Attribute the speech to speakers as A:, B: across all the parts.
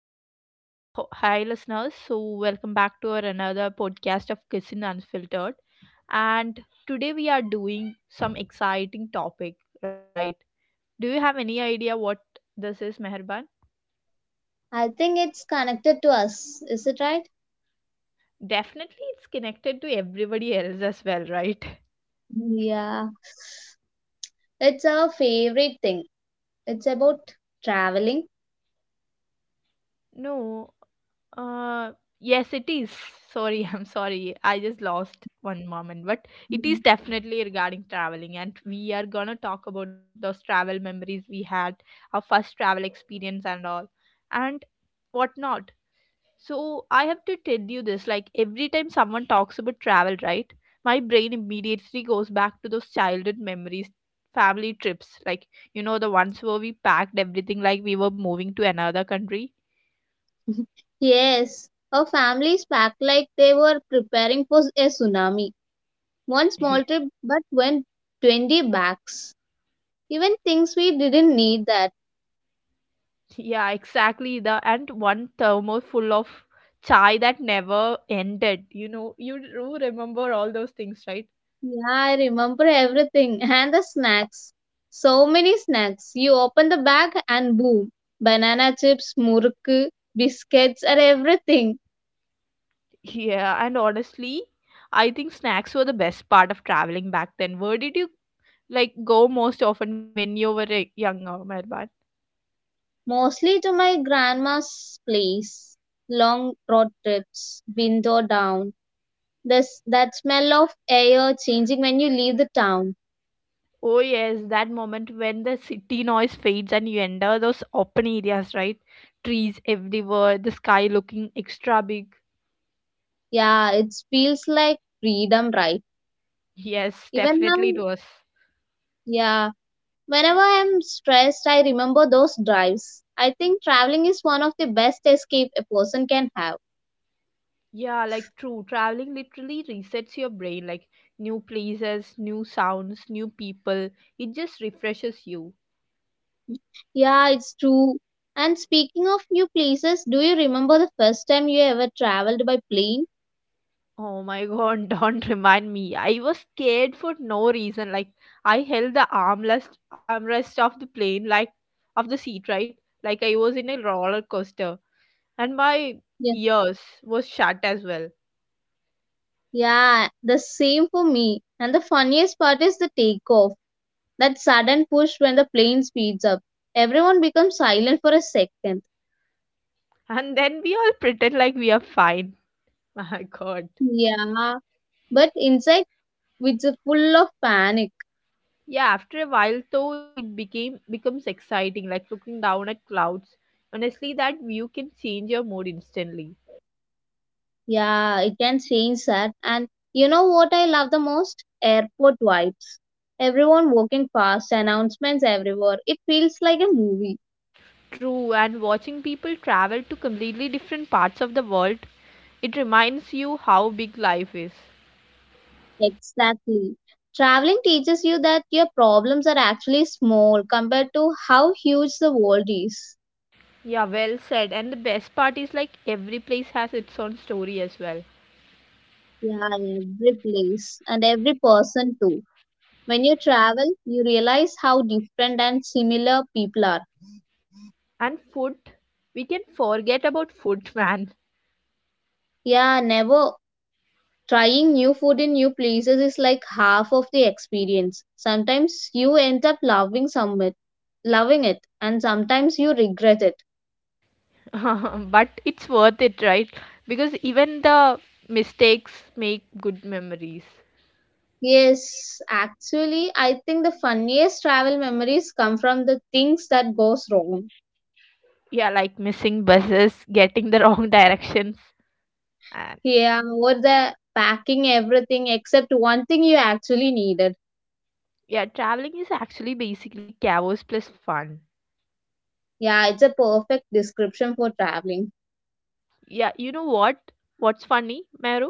A: back to hi listeners. So, welcome back to our another podcast of Kissing Unfiltered. And today we are doing some exciting topic, right? Do you have any idea what this is, Meherban?
B: I think it's connected to us. Is it right?
A: Definitely, it's connected to everybody else as well, right?
B: Yeah. It's our favorite thing. It's about traveling.
A: No. Uh, yes, it is. Sorry, I'm sorry. I just lost one moment, but it
B: Mhm.
A: is definitely regarding traveling, and we are gonna talk about those travel memories we had, our first travel experience, and all, and whatnot. So I have to tell you this: like every time someone talks about travel, right, my brain immediately goes back to those childhood memories, family trips, like you know the ones where we packed everything like we were moving to another country.
B: Yes. Our families packed like they were preparing for a tsunami. One small trip, but went 20 bags. Even things we didn't need that.
A: Yeah, exactly. The and one thermos full of chai that never ended. You know, you do remember all those things, right?
B: Yeah, I remember everything. And the snacks. So many snacks. You open the bag and boom. Banana chips, murukku, biscuits, and everything.
A: Yeah, and honestly, I think snacks were the best part of traveling back then. Where did you like go most often when you were younger, Mehban?
B: Mostly to my grandma's place. Long road trips, window down. This that smell of air changing when you leave the town.
A: Oh yes, that moment when the city noise fades and you enter those open areas, right? Trees everywhere, the sky looking extra big.
B: Yeah, it feels like freedom, right?
A: Yes,
B: Even now,
A: definitely it was.
B: yeah. Whenever I'm stressed, I remember those drives. I think traveling is one of the best escape a person can have.
A: Yeah, like true. Traveling literally resets your brain, like new places, new sounds, new people. It just refreshes you.
B: Yeah, it's true. And speaking of new places, do you remember the first time you ever traveled by plane?
A: Oh my god, don't remind me. I was scared for no reason. Like I held the armrest of the plane, like of the seat, right? Like I was in a roller coaster and my ears was shut as well.
B: Yeah, the same for me. And the funniest part is the takeoff. That sudden push when the plane speeds up. Everyone becomes silent for a second.
A: And then we all pretend like we are fine. My god.
B: Yeah, but inside it's a full of panic.
A: Yeah, after a while though it became becomes exciting, like looking down at clouds. Honestly, that view can change your mood instantly.
B: Yeah, it can change that. And you know what I love the most? Airport vibes. Everyone walking fast, announcements everywhere. It feels like a movie.
A: True, and watching people travel to completely different parts of the world, it reminds you how big life is.
B: Exactly. Traveling teaches you that your problems are actually small compared to how huge the world is.
A: Yeah, well said. And the best part is like every place has its own story as well.
B: Yeah, every place and every person too. When you travel, you realize how different and similar people are.
A: And food, we can forget about food, man.
B: Yeah, never trying new food in new places is like half of the experience. Sometimes you end up loving it, and sometimes you regret it.
A: But it's worth it, right? Because even the mistakes make good memories.
B: Yes, actually, I think the funniest travel memories come from the things that goes wrong.
A: Yeah, like missing buses, getting the wrong directions, and
B: Yeah, or the packing everything except one thing you actually needed.
A: yeah, traveling is actually basically chaos plus fun.
B: Yeah, it's a perfect description for traveling.
A: Yeah, you know what's funny, Meru?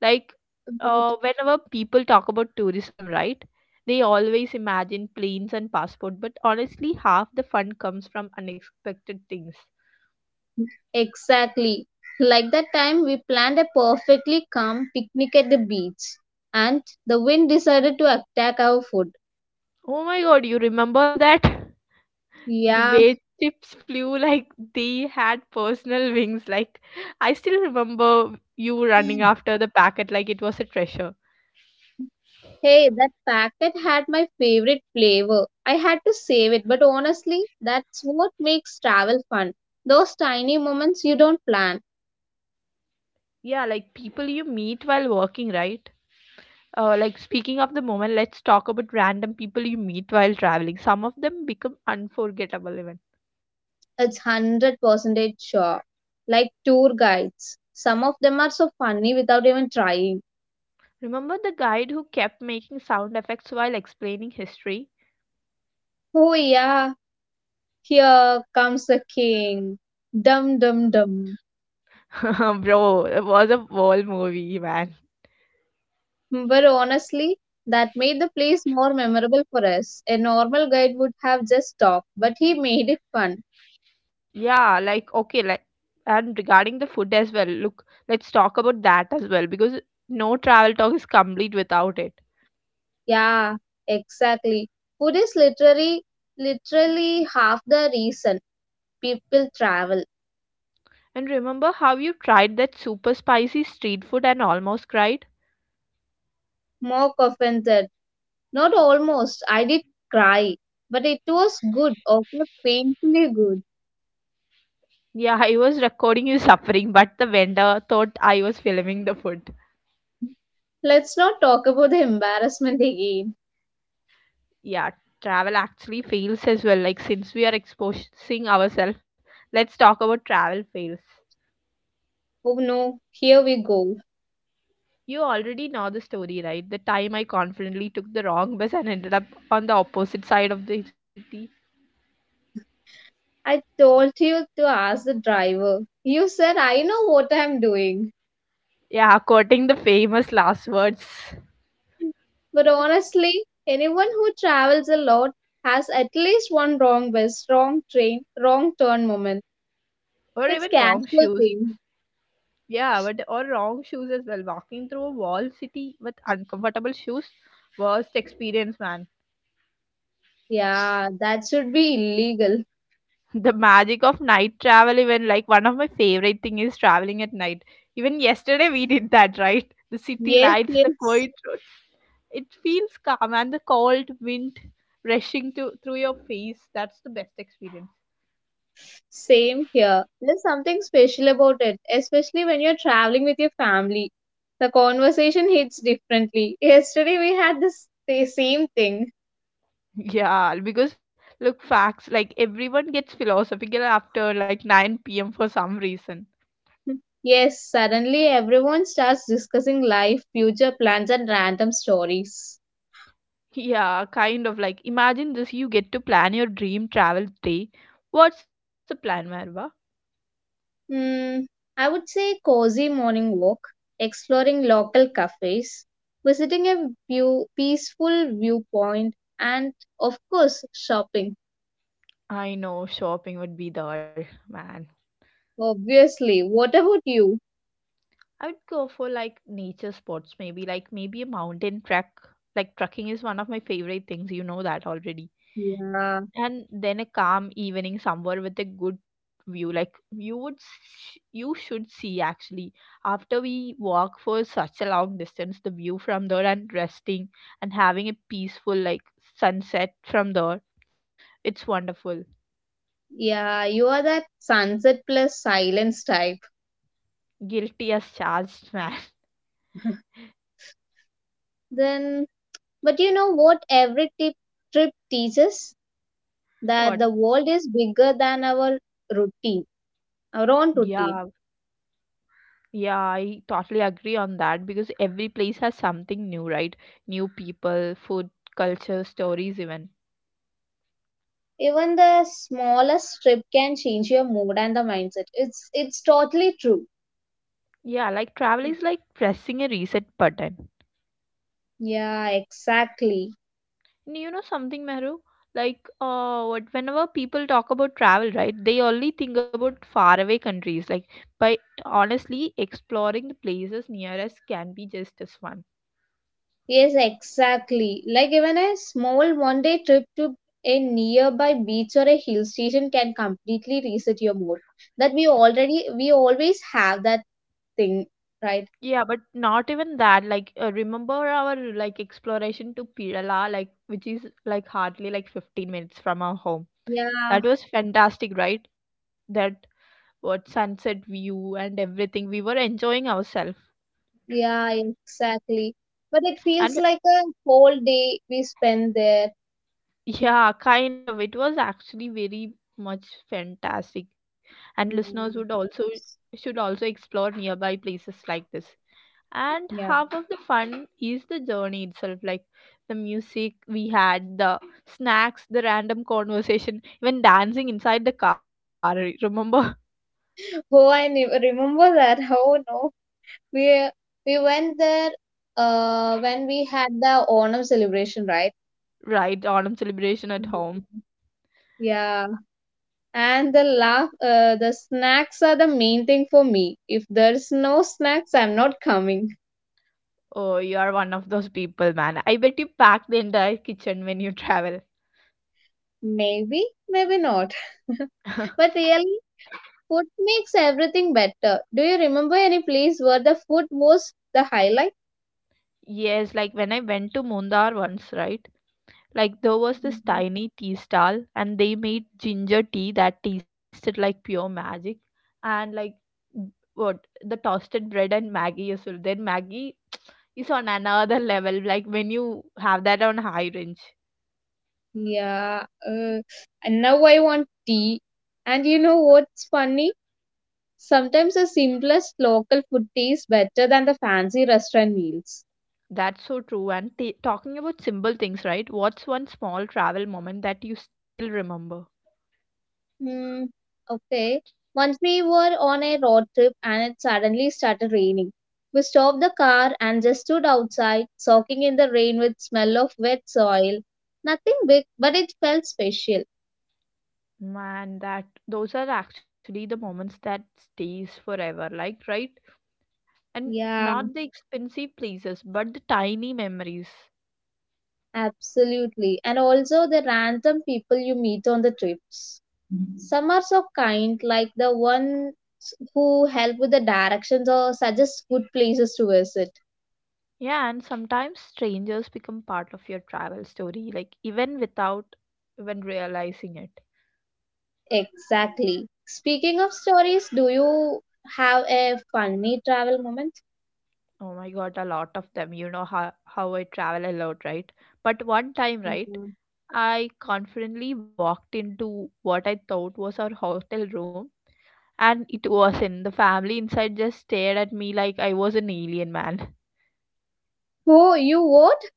A: Like,
B: Right.
A: whenever people talk about tourism, right, they always imagine planes and passport, but honestly half the fun comes from unexpected things.
B: Exactly. Like that time we planned a perfectly calm picnic at the beach and the wind decided to attack our food.
A: Oh my god, you remember that? The
B: Yeah.
A: way chips flew, like they had personal wings, like I still remember you running after the packet like it was a treasure.
B: Hey, that packet had my favorite flavor. I had to save it, but honestly, that's what makes travel fun. Those tiny moments you don't plan.
A: Yeah, like people you meet while working, right? Like, speaking of the moment, let's talk about random people you meet while traveling. Some of them become unforgettable even.
B: It's 100% sure. Like tour guides. Some of them are so funny without even trying.
A: Remember the guide who kept making sound effects while explaining history?
B: Oh, yeah, here comes the king. Dum dum dum.
A: Bro, it was a whole movie, man.
B: But honestly, that made the place more memorable for us. A normal guide would have just talked, but he made it fun.
A: Yeah, like, okay, like, and regarding the food as well, look, let's talk about that as well because no travel talk is complete without it.
B: Yeah, exactly. Food is literally half the reason people travel.
A: And remember how you tried that super spicy street food and almost cried?
B: More often than not almost. I did cry, but it was good, okay, painfully good.
A: Yeah, I was recording you suffering, but the vendor thought I was filming the food.
B: Let's not talk about the embarrassment again.
A: Yeah, travel actually fails as well, like, since we are exposing ourselves, let's talk about travel fails.
B: Oh no, here we go.
A: You already know the story, right? The time I confidently took the wrong bus and ended up on the opposite side of the city.
B: I told you to ask the driver. You said, I know what I'm doing.
A: Yeah, quoting the famous last words.
B: But honestly, anyone who travels a lot has at least one wrong bus, wrong train, wrong turn moment.
A: Or even
B: It's
A: wrong
B: casual
A: shoes.
B: thing.
A: Yeah, but or wrong shoes as well. Walking through a wall city with uncomfortable shoes. Worst experience, man.
B: Yeah, that should be illegal.
A: The magic of night travel, even, like, one of my favorite thing is traveling at night. Even yesterday we did that, right? The city
B: Yes,
A: lights, the
B: yes.
A: quiet. It feels calm and the cold wind rushing to through your face. That's the best experience.
B: Same here. There's something special about it, especially when you're traveling with your family. The conversation hits differently. Yesterday we had this the same thing.
A: Yeah, because look, facts, like everyone gets philosophical after like 9 p.m. for some reason.
B: Yes, suddenly everyone starts discussing life, future plans, and random stories.
A: Yeah, kind of like, imagine this. You get to plan your dream travel day. What's the plan, Marva?
B: Mm, I would say cozy morning walk, exploring local cafes, visiting a peaceful viewpoint, and of course, shopping.
A: I know shopping would be there, man.
B: Obviously, what about you?
A: I would go for like nature spots, maybe a mountain trek. Like trekking is one of my favorite things, you know that already.
B: Yeah,
A: And then a calm evening somewhere with a good view, like, you should see actually after we walk for such a long distance the view from there, and resting and having a peaceful, like, sunset from there. It's wonderful.
B: yeah, you are that sunset plus silence type.
A: Guilty as charged, man.
B: Then, but you know what every trip teaches? That the
A: What?
B: world is bigger than routine, our own
A: Yeah,
B: routine.
A: yeah, I totally agree on that because every place has something new, right? New people, food, culture, stories even.
B: Even the smallest trip can change your mood and the mindset. It's totally true.
A: Yeah, like travel is like pressing a reset button.
B: Yeah, exactly.
A: And, you know something, Mehru? Like, what whenever people talk about travel, right, they only think about faraway countries. Like, but honestly, exploring the places near us can be just as fun.
B: Yes, exactly. Like even a small one day trip to a nearby beach or a hill station can completely reset your mood. That we always have that thing, right?
A: Yeah, but not even that. Like, remember our like exploration to Pirala, like which is like hardly like 15 minutes from our home.
B: Yeah,
A: That was fantastic, right? That what sunset view and everything. We were enjoying ourselves.
B: yeah, exactly. But it
A: And.
B: feels like a whole day we spend there.
A: Yeah, kind of. It was actually very much fantastic. And
B: Yeah.
A: listeners would also should also explore nearby places like this. And
B: Yeah.
A: half of the fun is the journey itself, like the music we had, the snacks, the random conversation, even dancing inside the car. Remember?
B: Oh, I remember that. Oh no. We we went there when we had the Onam celebration, right?
A: Right? Autumn celebration at
B: Mhm.
A: home.
B: Yeah, and the snacks are the main thing for me. If there's no snacks, I'm not coming.
A: Oh, you are one of those people, man. I bet you pack the entire kitchen when you travel.
B: Maybe, maybe not. But really, food makes everything better. Do you remember any place where the food was the highlight?
A: Yes, like when I went to Mundar once, right? Like there was this
B: Mhm.
A: tiny tea stall and they made ginger tea that tasted like pure magic, and like b- what the toasted bread and Maggie as well. Then Maggie is on another level like when you have that on high range.
B: Yeah, and now I want tea. And you know what's funny? Sometimes the simplest local food tastes better than the fancy restaurant meals.
A: That's so true. And talking about simple things, right? What's one small travel moment that you still remember?
B: Hmm. Okay. Once we were on a road trip and it suddenly started raining. We stopped the car and just stood outside, soaking in the rain with smell of wet soil. Nothing big, but it felt special.
A: Man, that those are actually the moments that stays forever, like, right? And
B: Yeah,
A: not the expensive places, but the tiny memories.
B: absolutely. And also the random people you meet on the trips. Some are so kind, like the ones who help with the directions or suggest good places to visit.
A: Yeah, and sometimes strangers become part of your travel story, like even without even realizing it.
B: Exactly. Speaking of stories, do you have a funny travel moment?
A: Oh my god, a lot of them. You know how I travel a lot, right? But one time, right,
B: Mhm.
A: I confidently walked into what I thought was our hotel room, and it wasn't. The family inside just stared at me like I was an alien, man.
B: Oh, you what?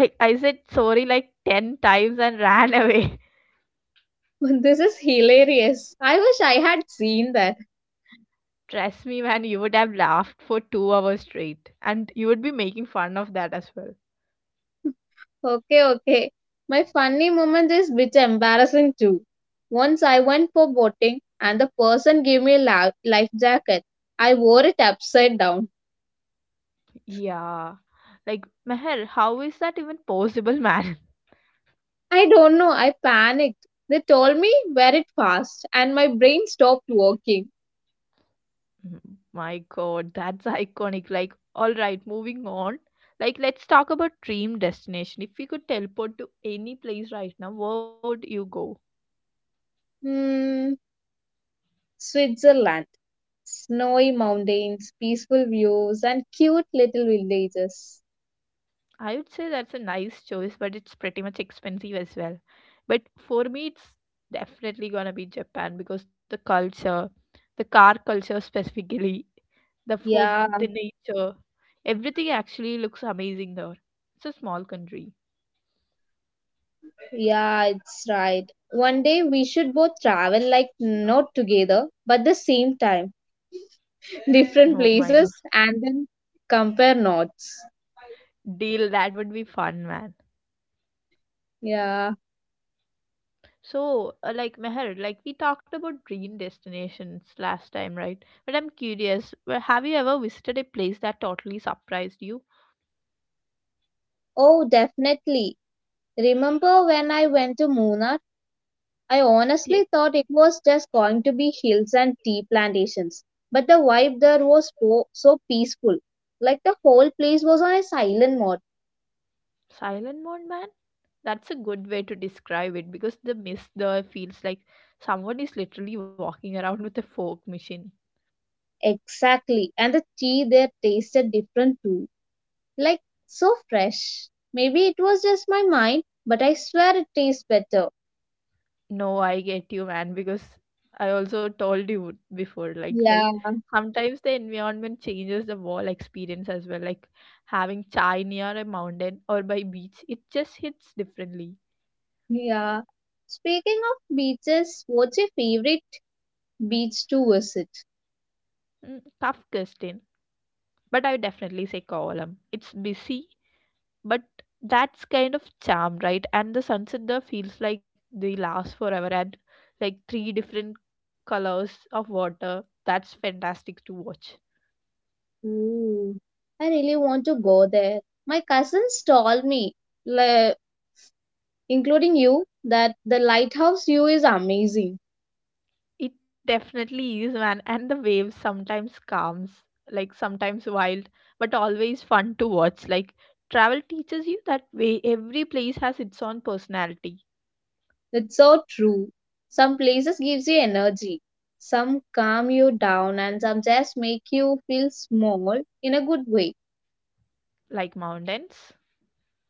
A: Like I said sorry like 10 times and ran away.
B: This is hilarious. I wish I had seen that.
A: Trust me, man, you would have laughed for 2 hours straight. And you would be making fun of that as well.
B: Okay, okay. My funny moment is bit embarrassing too. Once I went for boating and the person gave me a life jacket. I wore it upside down.
A: Yeah. Like, Meher, how is that even possible, man?
B: I don't know. I panicked. They told me wear it fast, and my brain stopped working.
A: Mm, My god, that's iconic. Like, alright, moving on. Like, let's talk about dream destination. If you could teleport to any place right now, where would you go?
B: Hmm, Switzerland. Snowy mountains, peaceful views, and cute little villages.
A: I would say that's a nice choice, but it's pretty much expensive as well. But for me, it's definitely gonna be Japan because the culture, the car culture specifically, the food,
B: Yeah,
A: the nature, everything actually looks amazing there. It's a small country.
B: yeah, it's right. One day we should both travel like not together, but the same time, different
A: Oh my god.
B: places, and then compare notes.
A: Deal, that would be fun, man.
B: Yeah.
A: So, like, Meher, like we talked about dream destinations last time, right? But I'm curious, well, have you ever visited a place that totally surprised you?
B: Oh, definitely. Remember when I went to Mona, I honestly
A: Yeah.
B: thought it was just going to be hills and tea plantations, but the vibe there was so, so peaceful. Like the whole place was on a silent mode.
A: Silent Moon, man? That's a good way to describe it because the mist there feels like someone is literally walking around with a fork machine.
B: Exactly. And the tea there tasted different too. Like so fresh. Maybe it was just my mind, but I swear it tastes better.
A: No, I get you, man, because I also told you before, like, right?
B: Yeah,
A: Sometimes the environment changes the wall experience as well, like having chai near a mountain or by beach, it just hits differently.
B: yeah. Speaking of beaches, what's your favorite beach to visit?
A: Tough question, but I would definitely say Kovalam. It's busy, but that's kind of charm, right? And the sunset there feels like they last forever, and like three different colors of water, that's fantastic to watch.
B: Ooh, I really want to go there. My cousins told me, le- including you, that the lighthouse view is amazing.
A: It definitely is, man. And the waves sometimes calms, like sometimes wild, but always fun to watch. Like travel teaches you that way: every place has its own personality.
B: It's so true. Some places gives you energy, some calm you down, and some just make you feel small in a good way.
A: Like mountains.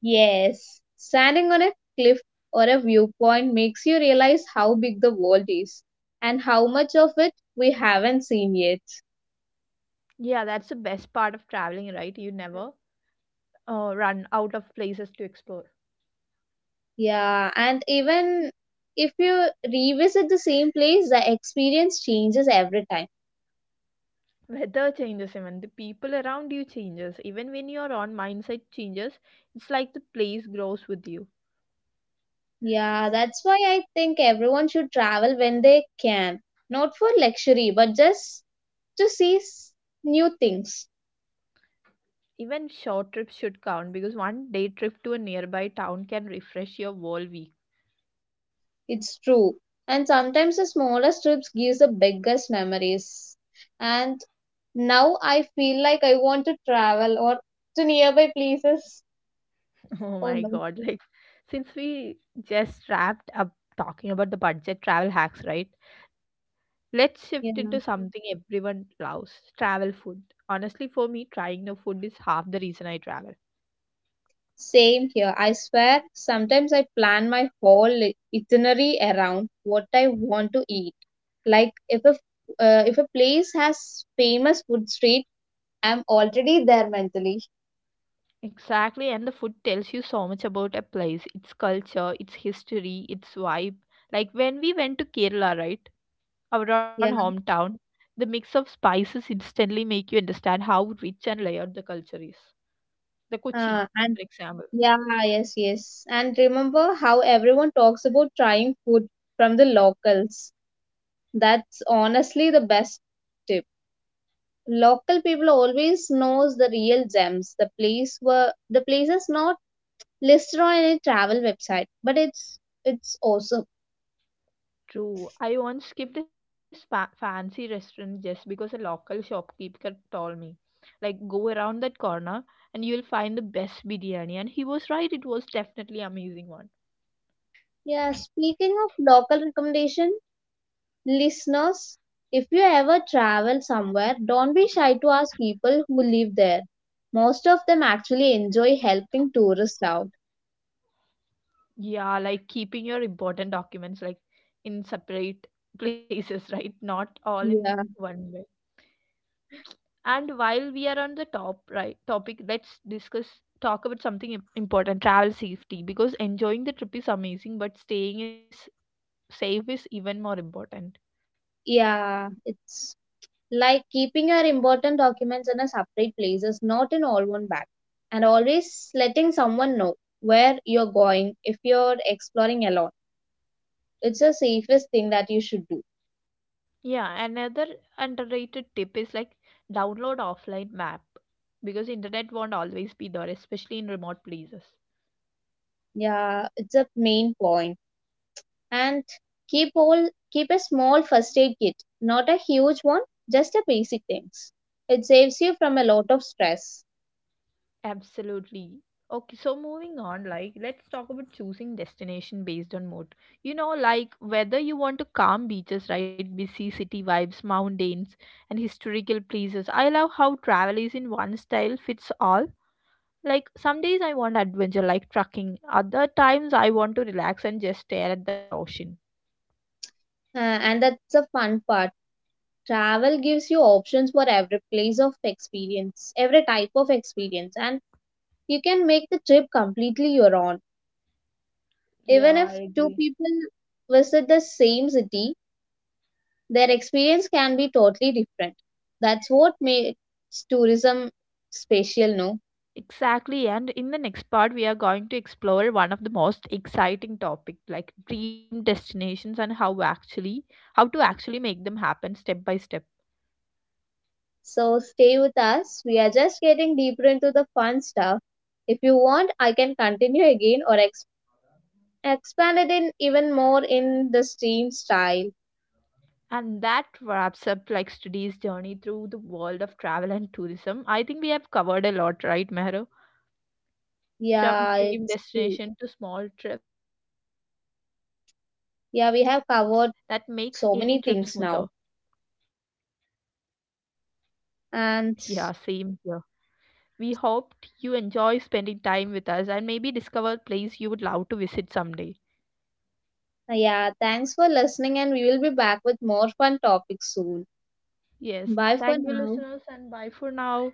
B: Yes, standing on a cliff or a viewpoint makes you realize how big the world is and how much of it we haven't seen yet.
A: Yeah, that's the best part of traveling, right? You never run out of places to explore.
B: Yeah, and even if you revisit the same place, the experience changes every time.
A: Weather changes, even the people around you changes, even when your own mindset changes, it's like the place grows with you.
B: Yeah, that's why I think everyone should travel when they can, not for luxury, but just to see new things.
A: Even short trips should count because one day trip to a nearby town can refresh your whole week.
B: It's true. And sometimes the smallest trips gives the biggest memories. And now I feel like I want to travel or to nearby places.
A: Oh
B: Oh
A: my
B: no.
A: god, like, since we just wrapped up talking about the budget travel hacks, right, let's
B: Yeah.
A: shift into something everyone loves: travel food. Honestly, for me, trying the food is half the reason I travel.
B: Same here. I swear, sometimes I plan my whole itinerary around what I want to eat. Like if a place has famous food street, I'm already there mentally.
A: Exactly, and the food tells you so much about a place, its culture, its history, its vibe. Like when we went to Kerala, right? Our own
B: Yeah.
A: hometown, the mix of spices instantly make you understand how rich and layered the culture is. The Kochi,
B: And
A: for example.
B: yeah, yes, yes. And remember how everyone talks about trying food from the locals. That's honestly the best tip. Local people always knows the real gems, the places not listed on any travel website, but it's awesome.
A: True. I once skipped a fancy restaurant just because a local shopkeeper told me, like, go around that corner and you'll find the best biryani. And he was right, it was definitely amazing one.
B: Yeah, speaking of local recommendation, listeners, if you ever travel somewhere, don't be shy to ask people who live there. Most of them actually enjoy helping tourists out.
A: Yeah, like keeping your important documents like in separate places, right? Not all in
B: Yeah.
A: one way. And while we are on the topic, let's discuss talk about something important, travel safety, because enjoying the trip is amazing, but staying is safe is even more important.
B: Yeah, it's like keeping your important documents in a separate places, not in all one bag. And always letting someone know where you're going if you're exploring alone. It's the safest thing that you should do.
A: Yeah, another underrated tip is like download offline map because internet won't always be there, especially in remote places.
B: Yeah, it's a main point. And keep a small first aid kit, not a huge one, just a basic things. It saves you from a lot of stress.
A: Absolutely. Okay, so moving on, like, let's talk about choosing destination based on mood. You know, like, whether you want to calm beaches, right? Busy city vibes, mountains, and historical places. I love how travel is in one style fits all. Like, some days I want adventure, like trekking. Other times I want to relax and just stare at the ocean.
B: And that's the fun part. Travel gives you options for every type of experience, and you can make the trip completely your own.
A: Yeah,
B: Even
A: I
B: if two
A: agree.
B: people visit the same city, their experience can be totally different. That's what makes tourism special, no?
A: Exactly. And in the next part, we are going to explore one of the most exciting topic like dream destinations and how to actually make them happen step by step.
B: So stay with us. We are just getting deeper into the fun stuff. If you want, I can continue again or expand it in even more in the stream style.
A: And that wraps up like today's journey through the world of travel and tourism. I think we have covered a lot, right, Mehru? From
B: Yeah,
A: dream
B: it's cool.
A: destination to small trips that makes any trip smoother.
B: Yeah, we have covered so many things now.
A: Yeah,
B: And
A: same here. We hoped you enjoy spending time with us and maybe discover a place you would love to visit someday.
B: yeah, thanks for listening, and we will be back with more fun topics soon.
A: Yes.
B: Bye for
A: Thank you,
B: now.
A: listeners, and bye for now.